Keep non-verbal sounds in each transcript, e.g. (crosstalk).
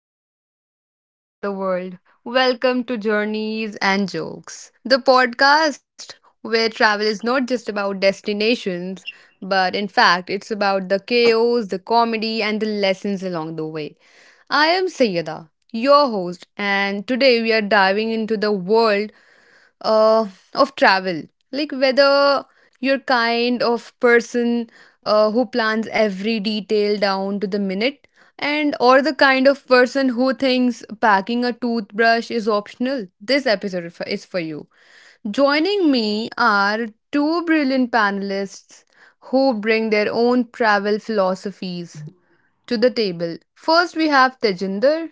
Hello, wanderers of the world. Welcome to Journeys and Jokes, the podcast where travel is not just about destinations, but in fact, it's about the chaos, the comedy, and the lessons along the way. I am Sayyada, your host, and today we are diving into the world uh, of travel. Like whether you're kind of person who plans every detail down to the minute, and or the kind of person who thinks packing a toothbrush is optional. This episode is for you. Joining me are two brilliant panelists who bring their own travel philosophies to the table. First, we have Tejinder.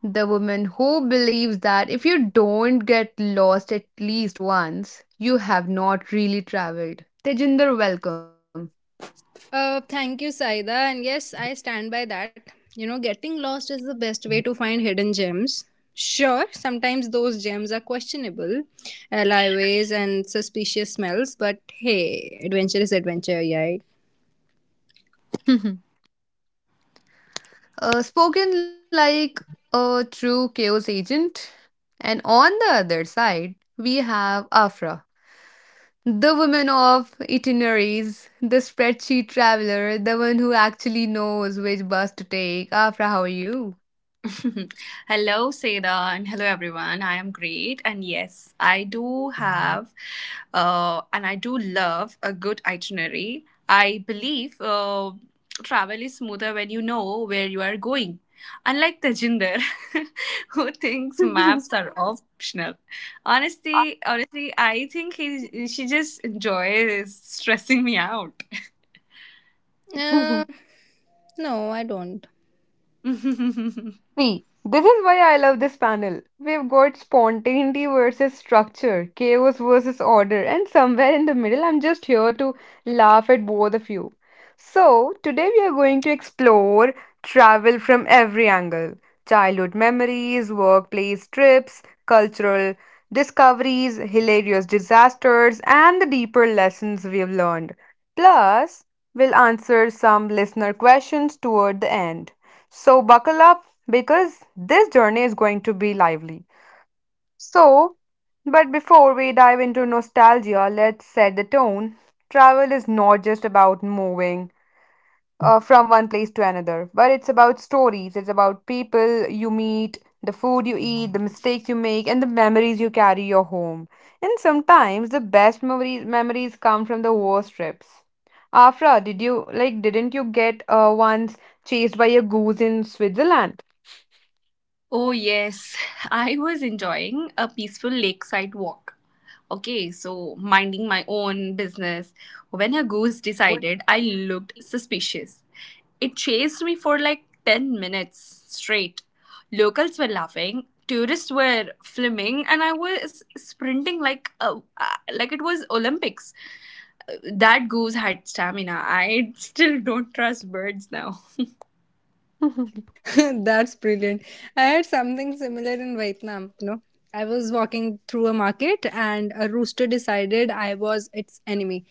The woman who believes that if you don't get lost at least once, you have not really traveled. Tejinder, welcome. Thank you, Saida. And yes, I stand by that. You know, getting lost is the best way to find hidden gems. Sure, sometimes those gems are questionable, alleyways and suspicious smells, but hey, adventure is adventure, yeah. (laughs) Spoken like a true chaos agent. And on the other side, we have Afra, the woman of itineraries, the spreadsheet traveler, the one who actually knows which bus to take. Afra, how are you? (laughs) Hello, Seda, and hello, everyone. I am great. And yes, I do have and I do love a good itinerary. I believe travel is smoother when you know where you are going. Unlike Tejinder, (laughs) who thinks maps are optional. Honestly, I think he she just enjoys stressing me out. Uh, (laughs) no, I don't. (laughs) See, this is why I love this panel. We've got spontaneity versus structure, chaos versus order, and somewhere in the middle, I'm just here to laugh at both of you. So, today we are going to explore travel from every angle: childhood memories, workplace trips, cultural discoveries, hilarious disasters, and the deeper lessons we've learned. Plus, we'll answer some listener questions toward the end. So buckle up because this journey is going to be lively. So, but before we dive into nostalgia, let's set the tone. Travel is not just about moving from one place to another, but it's about stories, it's about people you meet, the food you eat, the mistakes you make, and the memories you carry your home. And sometimes the best memories come from the worst trips. Afra, didn't you get once chased by a goose in Switzerland? Oh, yes. I was enjoying a peaceful lakeside walk. Okay, so minding my own business. When a goose What? decided I looked suspicious, it chased me for like 10 minutes straight. Locals were laughing, tourists were flaming, and I was sprinting like like it was Olympics. That goose had stamina. I (laughs) still don't trust birds now. (laughs) (laughs) That's brilliant. I had something similar in Vietnam, you know. I was walking through a market and a rooster decided I was its enemy.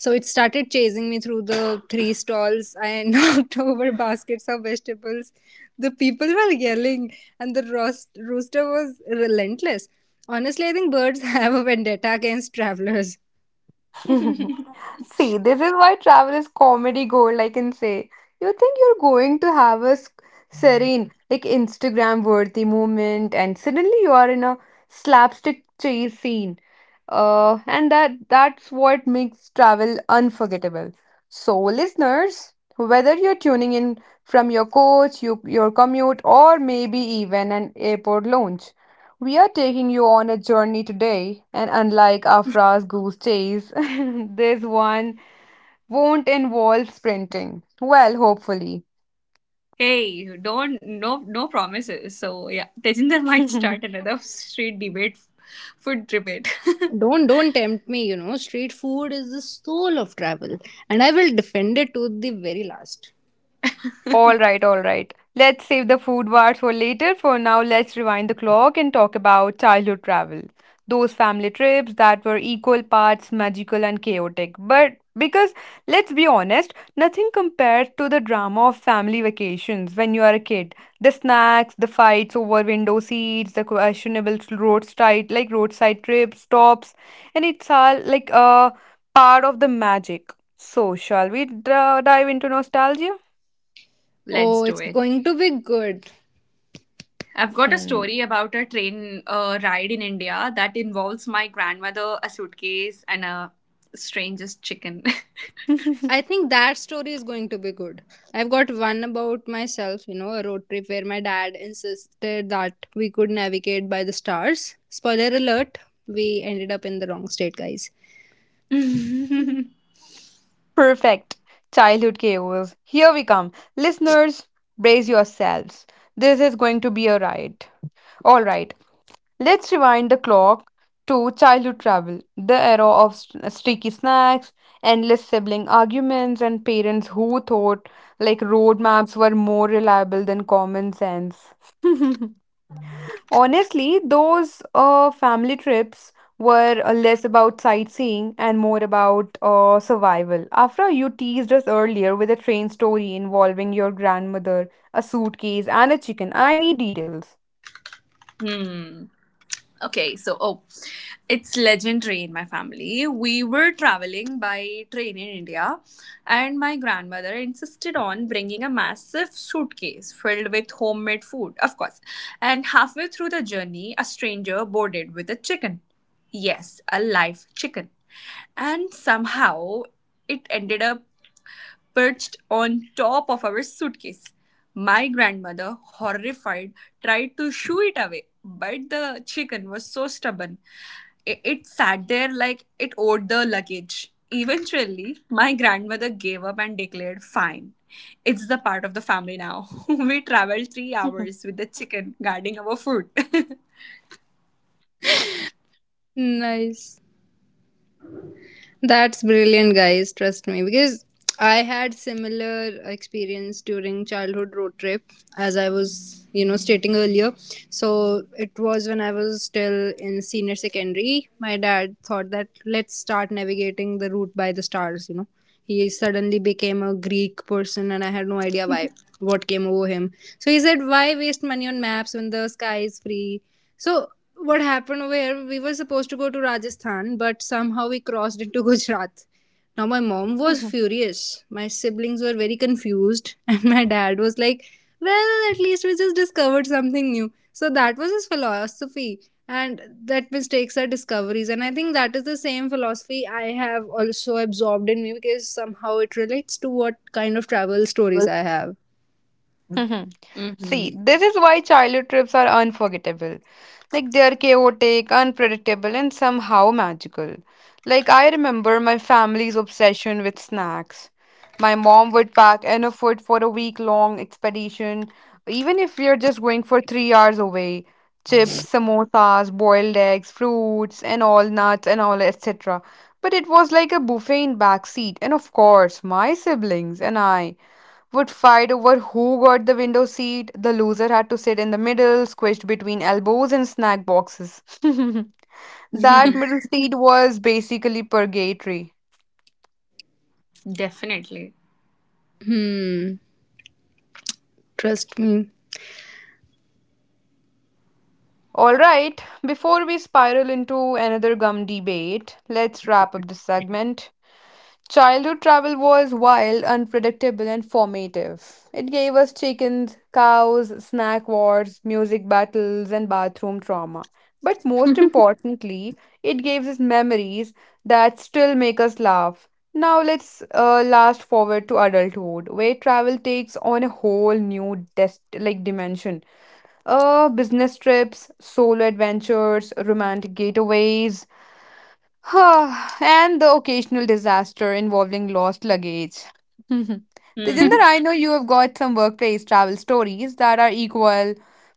So it started chasing me through the three stalls. I (laughs) knocked over baskets of vegetables. The people were yelling and the rooster was relentless. Honestly, I think birds (laughs) have a vendetta against travelers. (laughs) See, this is why travel is comedy gold, I can say. You think you're going to have a serene, like Instagram worthy moment, and suddenly you are in a slapstick chase scene. And that's what makes travel unforgettable. So, listeners, whether you're tuning in from your coach, you, your commute, or maybe even an airport lounge, we are taking you on a journey today. And unlike Afra's goose chase, (laughs) this one won't involve sprinting. Well, hopefully. Hey, don't no promises. So yeah, Tejinder (laughs) might start (laughs) another street debate, food debate. Don't tempt me, you know. Street food is the soul of travel and I will defend it to the very last. All right, all right. Let's save the food wars for later. For now, let's rewind the clock and talk about childhood travel. Those family trips that were equal parts magical and chaotic. But because, let's be honest, nothing compared to the drama of family vacations when you are a kid. The snacks, the fights over window seats, the questionable roadside roadside trips, stops, and it's all like a part of the magic. So, shall we dive into nostalgia? (laughs) Let's Oh, do it's it. going to be good. I've got a Hmm. story about a train ride in India that involves my grandmother, a suitcase, and a strangest chicken. I (laughs) think that story is going to be good. I've got one about myself, you know, a road trip where my dad insisted that we could navigate by the stars. Spoiler alert, we ended up in the wrong state, guys. (laughs) Perfect. Childhood chaos. Here we come. Listeners, brace yourselves. This is going to be a ride. All right, let's rewind the clock to childhood travel, the era of streaky snacks, endless sibling arguments, and parents who thought like road maps were more reliable than common sense. (laughs) Honestly, those family trips were less about sightseeing and more about survival. Afra, you teased us earlier with a train story involving your grandmother, a suitcase, and a chicken. I need details. hmm. Okay, so it's legendary in my family. We were traveling by train in India, and my grandmother insisted on bringing a massive suitcase filled with homemade food, of course. And halfway through the journey, a stranger boarded with a chicken. Yes, a live chicken. And somehow it ended up perched on top of our suitcase. My grandmother, horrified, tried to shoo it away, but the chicken was so stubborn. It sat there like it owed the luggage. Eventually, my grandmother gave up and declared, "Fine, it's the part of the family now." (laughs) We traveled 3 hours with the chicken guarding our food. (laughs) Nice. That's brilliant, guys. Trust me, because I had similar experience during childhood road trip, as I was, you know, stating earlier. So it was when I was still in senior secondary. My dad thought that let's start navigating the route by the stars. You know, he suddenly became a Greek person, and I had no idea why. What came over him? So he said, "Why waste money on maps when the sky is free?" So what happened where we were supposed to go to Rajasthan, but somehow we crossed into (laughs) Gujarat. Now, my mom was (laughs) furious. My siblings were very confused, (laughs) and my dad was like, well, at least we just discovered something new. So, that was his philosophy, and that mistakes are discoveries. And I think that is the same philosophy I have also absorbed in me because somehow it relates to what kind of travel stories I have. Mhm. Mhm. See, this is why childhood trips are unforgettable. Like they are chaotic, unpredictable, and somehow magical. Like I remember my family's obsession with snacks. My mom would pack enough food for a week-long expedition, even if we are just going for 3 hours away. Chips, samosas, boiled eggs, fruits, and all nuts and all, etc. But it was like a buffet in backseat, and of course, my siblings and I would fight over who got the window seat. The loser had to sit in the middle, squished between elbows and snack boxes. (laughs) That (laughs) middle seat was basically purgatory. Definitely. Hmm, trust me. Alright, before we spiral into another gum debate, let's wrap up this segment. Childhood travel was wild, unpredictable, and formative. It gave us chickens, cows, snack wars, music battles, and bathroom trauma. But most importantly, it gave us memories that still make us laugh. Now let's last forward to adulthood, where travel takes on a whole new like dimension. Business trips, solo adventures, romantic getaways, (sighs) and the occasional disaster involving lost luggage. (laughs) Tejinder, Hmm. I know you have got some workplace travel stories that are equal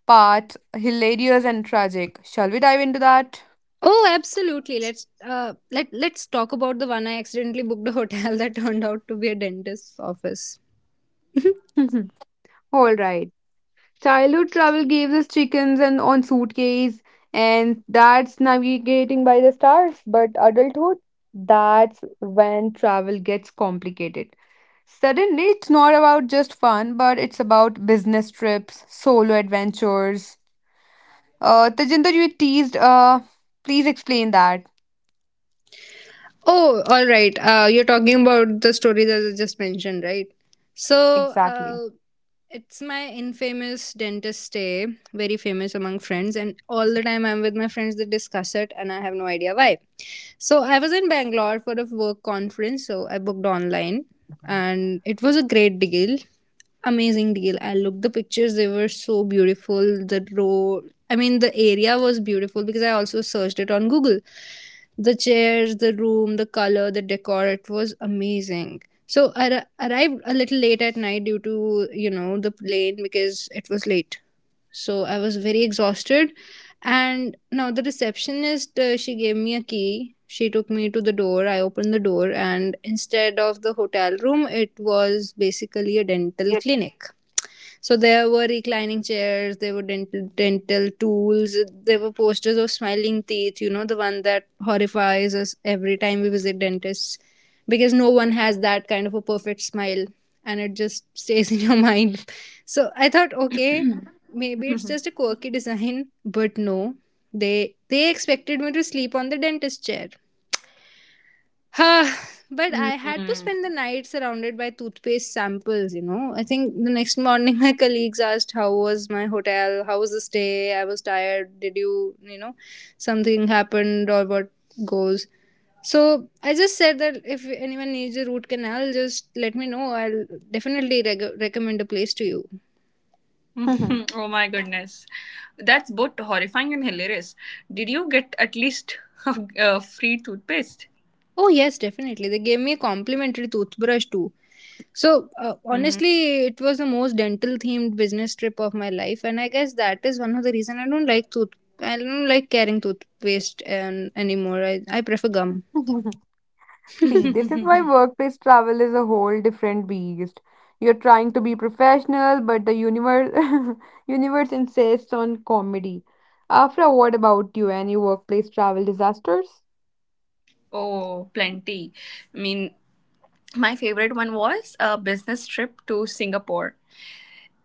parts hilarious and tragic. Shall we dive into that? Oh, absolutely. Let's talk about the one I accidentally booked a hotel (laughs) that turned out to be a dentist's office. (laughs) (laughs) All right. Childhood travel gave us chickens and on suitcase, and that's navigating by the stars. But adulthood, that's when travel gets complicated. Suddenly, it's not about just fun, but it's about business trips, solo adventures. Tajinder, you teased. Please explain that Oh, all right. You're talking about the story that I just mentioned, right? So, exactly. uh, It's my infamous dentist stay, very famous among friends, and all the time I'm with my friends, they discuss it, and I have no idea why. So, I was in Bangalore for a work conference, so I booked online, and it was a great deal. Amazing deal. I looked the pictures, they were so beautiful. The road, I mean, the area was beautiful because I also searched it on Google, the chairs, the room, the color, the decor, it was amazing. So I arrived a little late at night due to, you know, the plane because it was late. So I was very exhausted. And now the receptionist, she gave me a key. She took me to the door. I opened the door, and instead of the hotel room, it was basically a dental Yeah. clinic. So there were reclining chairs, there were dental tools, there were posters of smiling teeth, you know, the one that horrifies us every time we visit dentists because no one has that kind of a perfect smile and it just (laughs) stays in your mind. (laughs) So I thought okay, maybe it's just a (laughs) quirky design, but no. They expected me to sleep on the dentist chair. (sighs) But I had to Hmm. spend the night surrounded by toothpaste samples, you know. I think the next morning (laughs) my colleagues asked how was my hotel, how was the stay, I was tired, did you, you know, something happened or what goes. So I just said that if anyone needs a root canal, just let me know. I'll definitely recommend a place to you. Mhm. (laughs) Oh my goodness. That's both horrifying and hilarious. Did you get at least (laughs) a free toothpaste? Oh, yes, definitely. They gave me a complimentary toothbrush too. So, hmm honestly, it was the most dental themed business trip of my life, and I guess that is one of the reason I don't like tooth. I don't like carrying toothpaste and anymore. I prefer gum. (laughs) (laughs) See, this is why (laughs) workplace travel is a whole different beast. You're trying to be professional, but the universe (laughs) universe insists on comedy. Afra, what about you? Any workplace travel disasters? oh, plenty. I mean, my favorite one was a business trip to Singapore.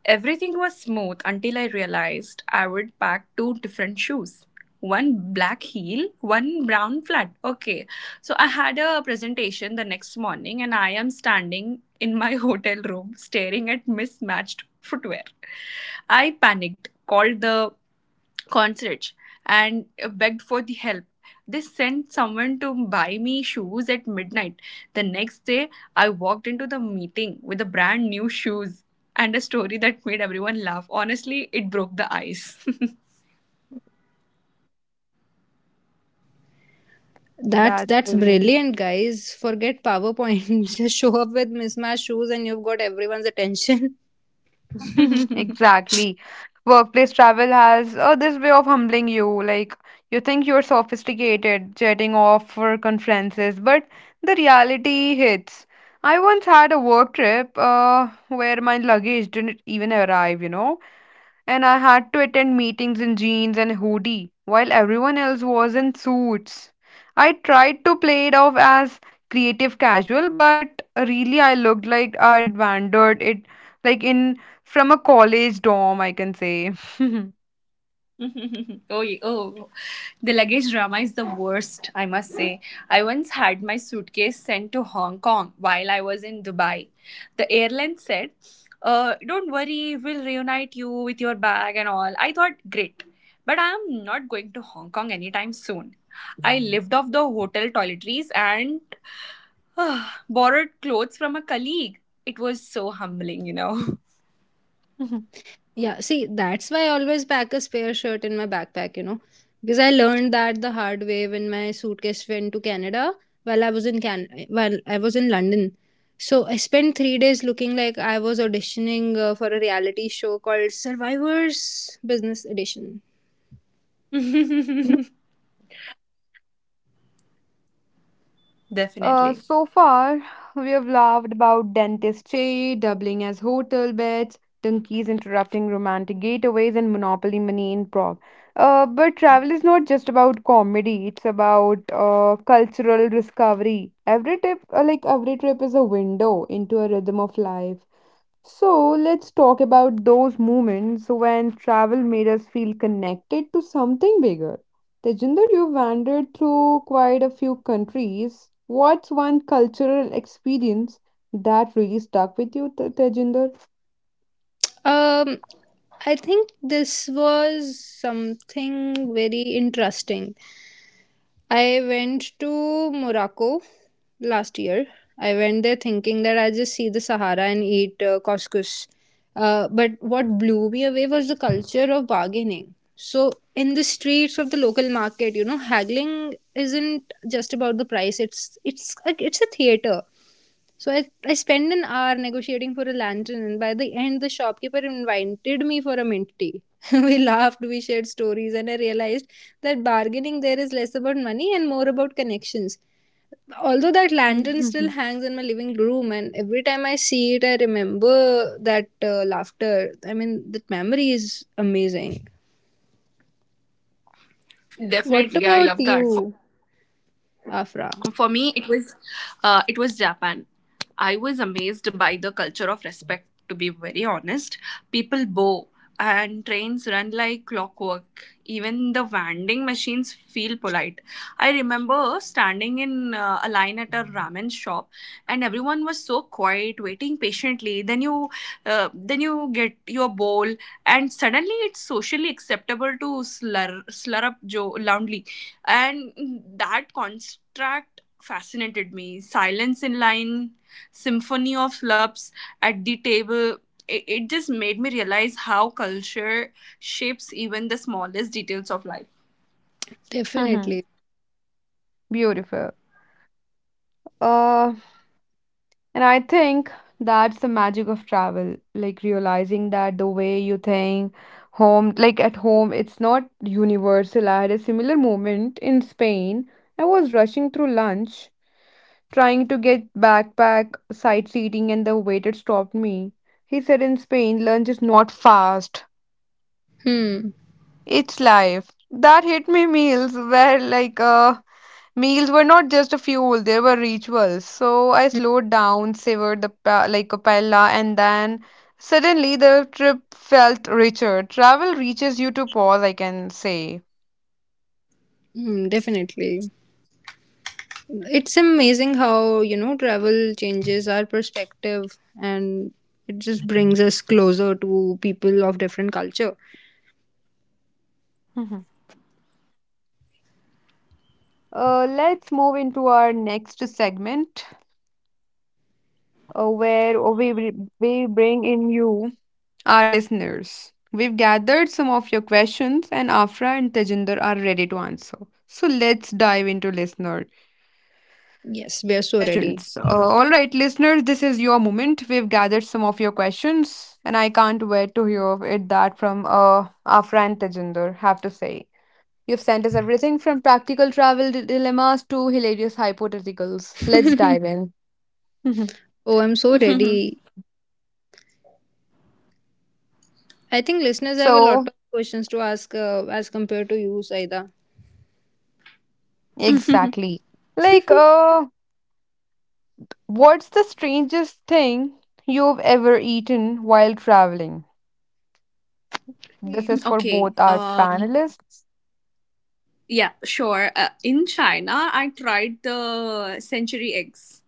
Everything was smooth until I realized I would pack two different shoes. One black heel, one brown flat. Okay. So I had a presentation the next morning and I am standing in my (laughs) hotel room staring at mismatched footwear. I panicked, called the concerts and begged for the help. They sent someone to buy me shoes at midnight. The next day, I walked into the meeting with the brand new shoes and a story that made everyone laugh. Honestly, it broke the ice. That's That's that's brilliant. brilliant, guys. Forget PowerPoint. (laughs) Just show up with mismatched shoes, and you've got everyone's attention. (laughs) (laughs) Exactly. Workplace travel has this way of humbling you. Like, you think you're sophisticated, jetting off for conferences, but the reality hits. I once had a work trip where my luggage didn't even arrive, you know, and I had to attend meetings in jeans and hoodie while everyone else was in suits. I tried to play it off as creative casual, but really I looked like I'd wandered it like in from a college dorm, I can say. (laughs) Oh, the luggage drama is the worst, I must say. I once had my suitcase sent to Hong Kong while I was in Dubai. The airline said, "Don't worry, we'll reunite you with your bag and all." I thought, "Great, but I am not going to Hong Kong anytime soon." I lived off the hotel toiletries and (sighs) borrowed clothes from a colleague. It was so humbling, you know. Yeah, see, that's why I always pack a spare shirt in my backpack, you know, because I learned that the hard way when my suitcase went to Canada while I was in London. So I spent 3 days looking like I was auditioning for a reality show called Survivors Business Edition. (laughs) (laughs) Definitely. so far, we have laughed about dentistry doubling as hotel beds, donkeys interrupting romantic getaways, and monopoly money in Prague. But travel is not just about comedy; it's about cultural discovery. Every trip is a window into a rhythm of life. So let's talk about those moments when travel made us feel connected to something bigger. Tejinder, you wandered through quite a few countries. What's one cultural experience that really stuck with you, Tejinder? Um, I think this was something very interesting, I went to Morocco last year. I went there thinking that I'll just see the Sahara and eat couscous. But what blew me away was the culture of bargaining. So, in the streets of the local market, you know, haggling isn't just about the price. It's a theater. So I spent an hour negotiating for a lantern, and by the end, the shopkeeper invited me for a mint tea. (laughs) We laughed, we shared stories, and I realized that bargaining there is less about money and more about connections. Although that lantern (laughs) still Mhm. hangs in my living room, and every time I see it, I remember that laughter. I mean, that memory is amazing. What Definitely, I about love that. you, Afra? For me it was Japan. I was amazed by the culture of respect, to be very honest. People bow and trains run like clockwork. Even the vending machines feel polite. I remember standing in a line at a ramen shop, and everyone was so quiet, waiting patiently. Then you get your bowl and suddenly it's socially acceptable to slur loudly. And that contrast fascinated me. Silence in line, symphony of slurps at the table. It just made me realize how culture shapes even the smallest details of life. (laughs) Mhm. Definitely. Beautiful. Uh, And I think that's the magic of travel, like realizing that the way you think home, like at home, it's not universal. I had a similar moment in Spain. I was rushing through lunch, trying to get backpack side seating, and the waiter stopped me. He said in Spain, lunch is not fast. Hmm. It's life. That hit me, meals were not just a fuel, they were rituals. So I Hmm, slowed down, savored the a paella and then suddenly the trip felt richer. Travel reaches you to pause, I can say. hmm, definitely. It's amazing how, you know, travel changes our perspective and it just brings us closer to people of different culture. Mhm. Let's move into our next segment uh, where we, we bring in you. Our listeners. We've gathered some of your questions, and Afra and Tejinder are ready to answer. So let's dive into listener Yes, we are so questions. Ready. All right, listeners, this is your moment. We've gathered some of your questions, and I can't wait to hear of it that from Afra and Tejinder have to say. You've sent us everything from practical travel dilemmas to hilarious hypotheticals. Let's dive (laughs) in. (laughs) Oh, I'm so Mhm. ready. I think listeners have a lot So, of questions to ask as compared to you, Saida. Mhm. exactly. Like, (laughs) what's the strangest thing you've ever eaten while traveling? This Wait. is for okay. both our Um. panelists. Yeah. Sure. In China, I tried the century eggs.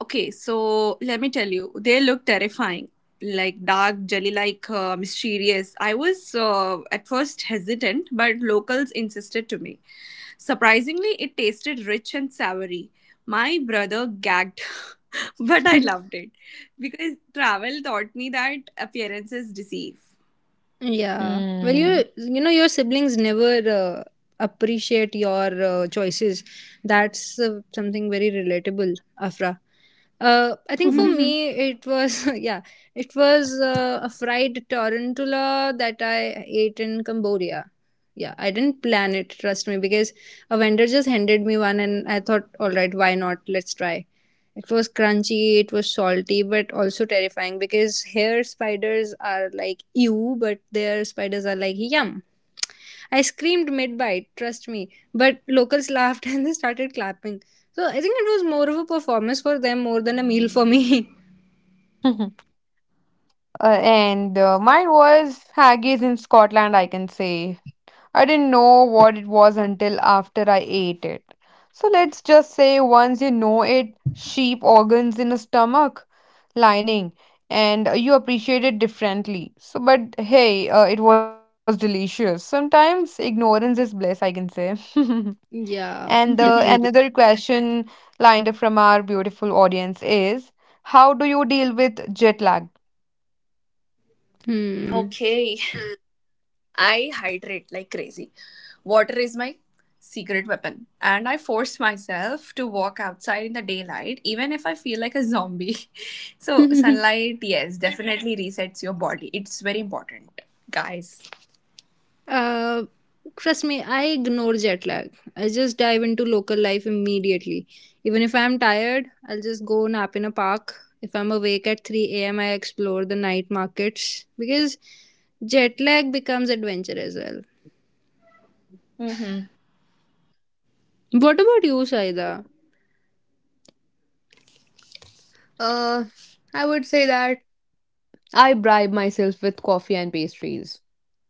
Okay, so let me tell you, they look terrifying, like dark, jelly-like, mysterious. I was at first hesitant, but locals insisted to me. Surprisingly, it tasted rich and savory. My brother gagged, (laughs) but I loved it because travel taught me that appearances deceive. Yeah. Well, Hmm. you know your siblings never appreciate your choices. That's something very relatable, Afra. I think for (laughs) me (laughs) it was (laughs) yeah, it was a fried tarantula that I ate in Cambodia. Yeah, I didn't plan it, trust me, because a vendor just handed me one and I thought, all right, why not? Let's try. It was crunchy, it was salty, but also terrifying because here spiders are like ew, but their spiders are like yum. I screamed mid bite, trust me. But locals laughed (laughs) and they started clapping. So I think it was more of a performance for them more than a meal for me. And mine was haggis in Scotland, I can say. I didn't know what it was until after I ate it. So let's just say once you know it, sheep organs in a stomach lining, and you appreciate it differently. So, but hey, it was delicious. Sometimes ignorance is bliss, I can say. (laughs) (laughs) And Yeah, the another definitely. question lined up from our beautiful audience is, how do you deal with jet lag? Hmm. Okay, I hydrate like crazy. Water is my secret weapon. And I force myself to walk outside in the daylight, even if I feel like a zombie. (laughs) So, (laughs) sunlight, yes, definitely (laughs) resets your body. It's very important, guys. Uh, trust me, I ignore jet lag. I just dive into local life immediately. Even if I'm tired, I'll just go nap in a park. If I'm awake at 3 a.m., I explore the night markets because jet lag becomes adventure as well. Mm-hmm. What about you, Saida? Uh, I would say that I bribe myself with coffee and pastries.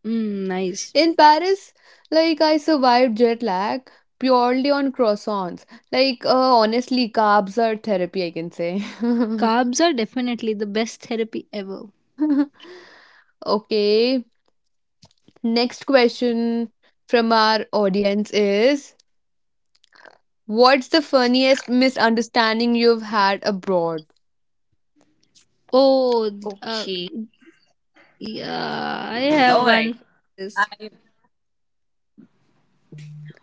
Mm, nice. In Paris, like I survived jet lag purely on croissants. Like, honestly, carbs are therapy, I can say. Carbs are definitely the best therapy ever. (laughs) Okay, next question from our audience is, what's the funniest misunderstanding you've had abroad? Oh, th- uh, Okay. yeah, I have All right. one for this. I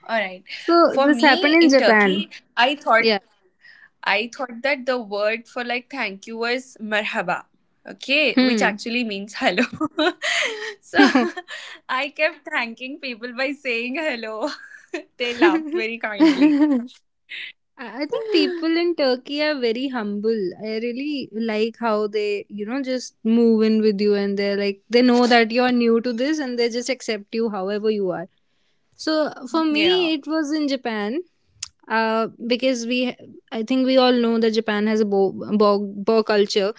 All right. So, For this happened me in in Japan. Turkey, I thought Yeah. I thought that the word for like thank you was marhaba. Okay, which Hmm. actually means hello. (laughs) So (laughs) I kept thanking people by saying hello. (laughs) They laughed very (laughs) kindly. (laughs) I think people in Turkey are very humble. I really like how they, you know, just move in with you and they're like, they know that you're new to this and they just accept you however you are. So for Yeah. me, it was in Japan. Because I think we all know that Japan has a bow culture.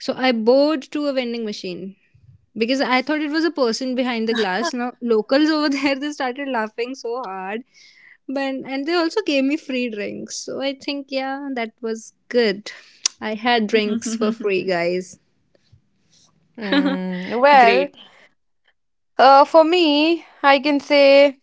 So I bowed to a vending machine because I thought it was a person behind the glass. Now locals over (laughs) there they started laughing so hard, but and they also gave me free drinks. So I think yeah, that was good. I had drinks for free, guys. (laughs) Hmm, well, Great. For me, I can say.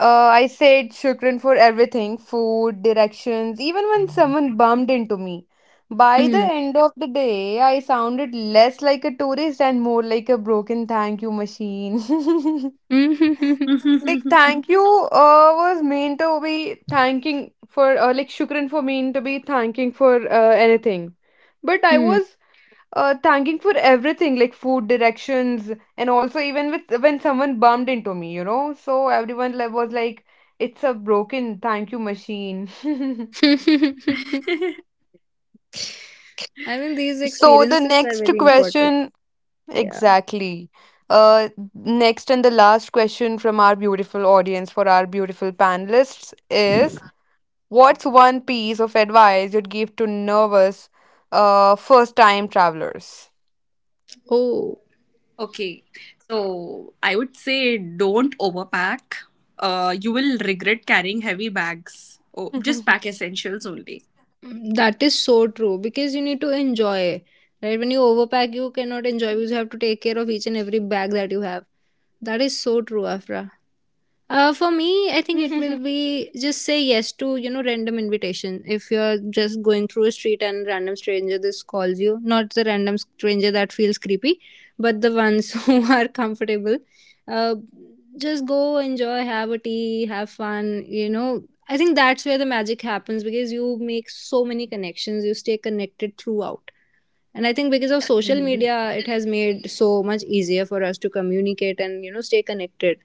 I said shukran for everything, food, directions, even when someone bumped into me. By the Hmm. end of the day, I sounded less like a tourist and more like a broken thank you machine. (laughs) (laughs) Like thank you (laughs) was meant to be thanking for shukran for mean to be thanking for anything. But I Hmm. was thanking for everything like food directions and also even with when someone bumped into me, you know. So everyone was like, "It's a broken thank you machine." (laughs) (laughs) I mean these So the experiences are next very important. question, Yeah. exactly. Next and the last question from our beautiful audience for our beautiful panelists is, what's one piece of advice you'd give to nervous, first-time travelers? Oh, Okay, so I would say don't overpack. You will regret carrying heavy bags. Oh, just pack (laughs) essentials only. that is so true because you need to enjoy. Right? When you overpack, you cannot enjoy because you have to take care of each and every bag that you have. That is so true, Afra. For me, I think it will (laughs) be just say yes to you know random invitation. If you're just going through a street and random stranger this calls you, not the random stranger that feels creepy, but the ones (laughs) who are comfortable. Uh, just go enjoy, have a tea, have fun. You know, I think that's where the magic happens because you make so many connections. You stay connected throughout. And I think because of social media, it has made so much easier for us to communicate and you know stay connected.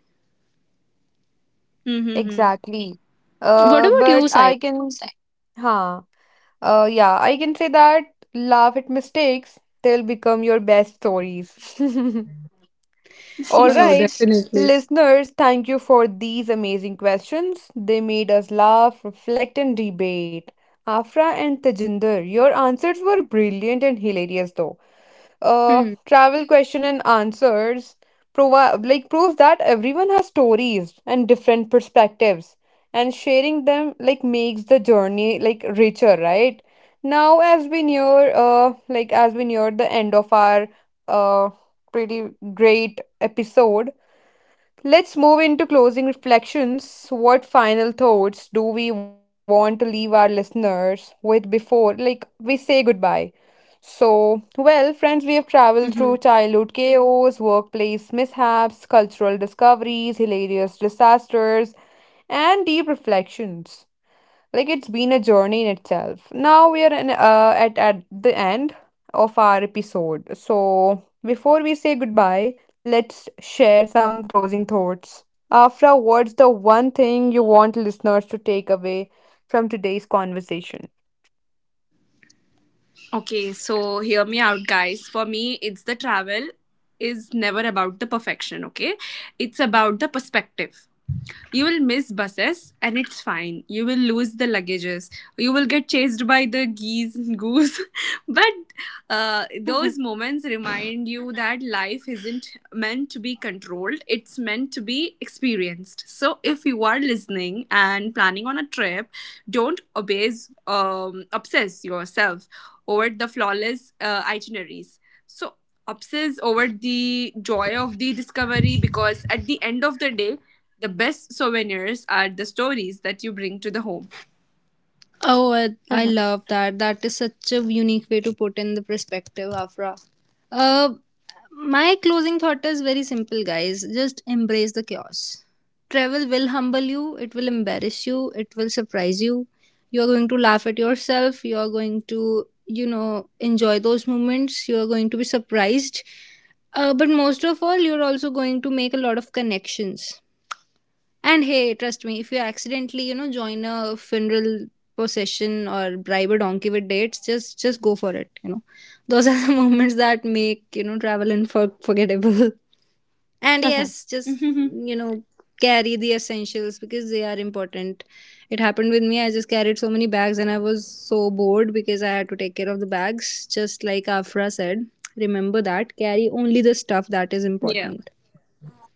Mm-hmm. Exactly. What about But you, Sai? I can, huh? Yeah, I can say that laugh at mistakes, they'll become your best stories. (laughs) All Oh, that, right, listeners, thank you for these amazing questions. They made us laugh, reflect, and debate. Afra and Tejinder, your answers were brilliant and hilarious, though hmm. travel question and answers proves that everyone has stories and different perspectives, and sharing them like makes the journey like richer. Right now, as we near as we near the end of our uh pretty great episode, let's move into closing reflections. What final thoughts do we want to leave our listeners with before we say goodbye? So, well, friends, we have traveled through hmm childhood chaos, workplace mishaps, cultural discoveries, hilarious disasters, and deep reflections. Like it's been a journey in itself. Now we are in, at the end of our episode. So, before we say goodbye, let's share some closing thoughts. Afra, what's the one thing you want listeners to take away from today's conversation? Okay, so hear me out, guys. For me, it's the travel is never about the perfection, okay? It's about the perspective. You will miss buses and it's fine. You will lose the luggages. You will get chased by the geese and goose. (laughs) But those moments remind you that life isn't meant to be controlled, it's meant to be experienced. So if you are listening and planning on a trip, don't obsess yourself over the flawless itineraries. So obsess over the joy of the discovery, because at the end of the day the best souvenirs are the stories that you bring to the home. Oh, I Mhm, love that. That is such a unique way to put in the perspective, Afra. Uh, my closing thought is very simple, guys. Just embrace the chaos. Travel will humble you. It will embarrass you. It will surprise you. You are going to laugh at yourself. You are going to, you know, enjoy those moments. You are going to be surprised. But most of all, you're also going to make a lot of connections. And hey, trust me, if you accidentally, you know, join a funeral procession or bribe a donkey with dates, just go for it. You know, those are the (laughs) moments that make you know travel unforgettable. (laughs) And mhm. yes, just (laughs) you know carry the essentials because they are important. It happened with me. I just carried so many bags and I was so bored because I had to take care of the bags. Just like Afra said, remember that carry only the stuff Yeah. that is important.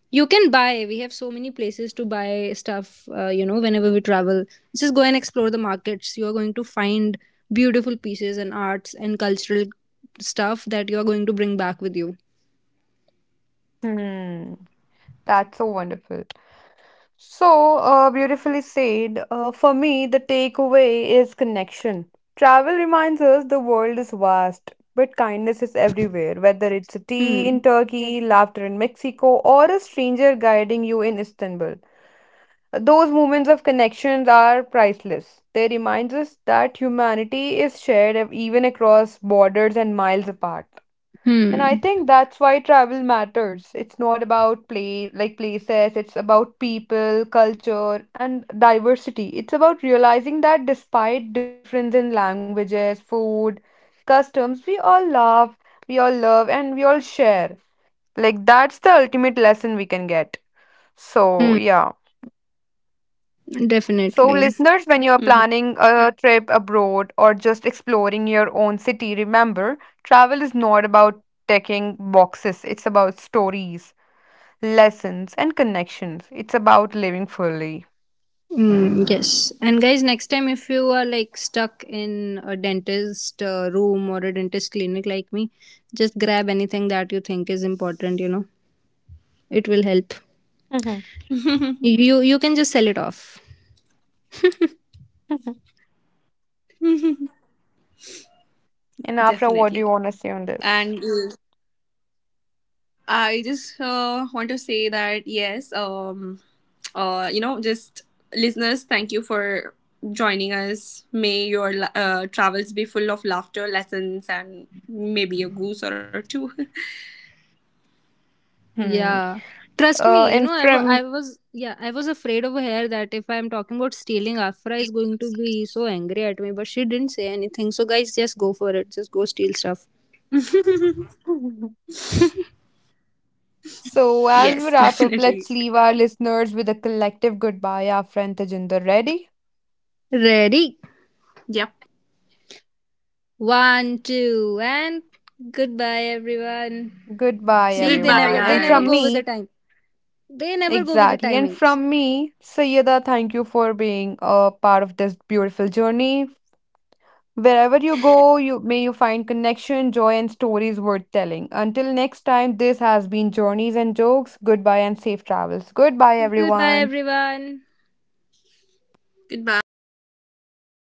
You can buy. We have so many places to buy stuff, you know, whenever we travel. Just go and explore the markets. You are going to find beautiful pieces and arts and cultural stuff that you are going to bring back with you. Hmm. That's so wonderful. So beautifully said. For me, the takeaway is connection. Travel reminds us the world is vast, but kindness is everywhere, whether it's a tea Hmm. in Turkey, laughter in Mexico, or a stranger guiding you in Istanbul. Those moments of connections are priceless. They remind us that humanity is shared even across borders and miles apart. And I Hmm. think that's why travel matters. It's not about play like places, it's about people, culture, and diversity. It's about realizing that despite difference in languages, food, customs, we all love, and we all share. Like that's the ultimate lesson we can get. So, Hmm. yeah. So, Definitely. listeners, when you're planning a trip abroad or just exploring your own city, remember, travel is not about ticking boxes, it's about stories, lessons, and connections. It's about living fully. Hmm. Yes. And guys, next time if you are like stuck in a dentist room or a dentist clinic like me, just grab anything that you think is important, you know. It will help. Mhm. Mhm. (laughs) You can just sell it off. Mhm. And Afra, Definitely. what do you want to say on And this? I just want to say that yes, you know, just listeners, thank you for joining us. May your travels be full of laughter, lessons, and maybe a goose or two. Hmm. Yeah. Trust me, you And know, from I was, yeah, I was afraid over here that if I'm talking about stealing, Afra is going to be so angry at me, but she didn't say anything. So, guys, just go for it. Just go steal stuff. (laughs) Mhm. (laughs) So as we Yes, wrap up, let's definitely. leave our listeners with a collective goodbye, Afra and Tejinder. Ready? Ready? Yep. One, two, and goodbye, everyone. Goodbye, See, they never, everyone. Goodbye, they And never from go with the me, guys. time. They never go with the exactly. And timings. from me, Sayyida, thank you for being a part of this beautiful journey. Wherever you go, you may you find connection, joy, and stories worth telling. Until next time, this has been Journeys and Jokes. Goodbye and safe travels. Goodbye, Goodbye, everyone. everyone. Goodbye. Goodbye.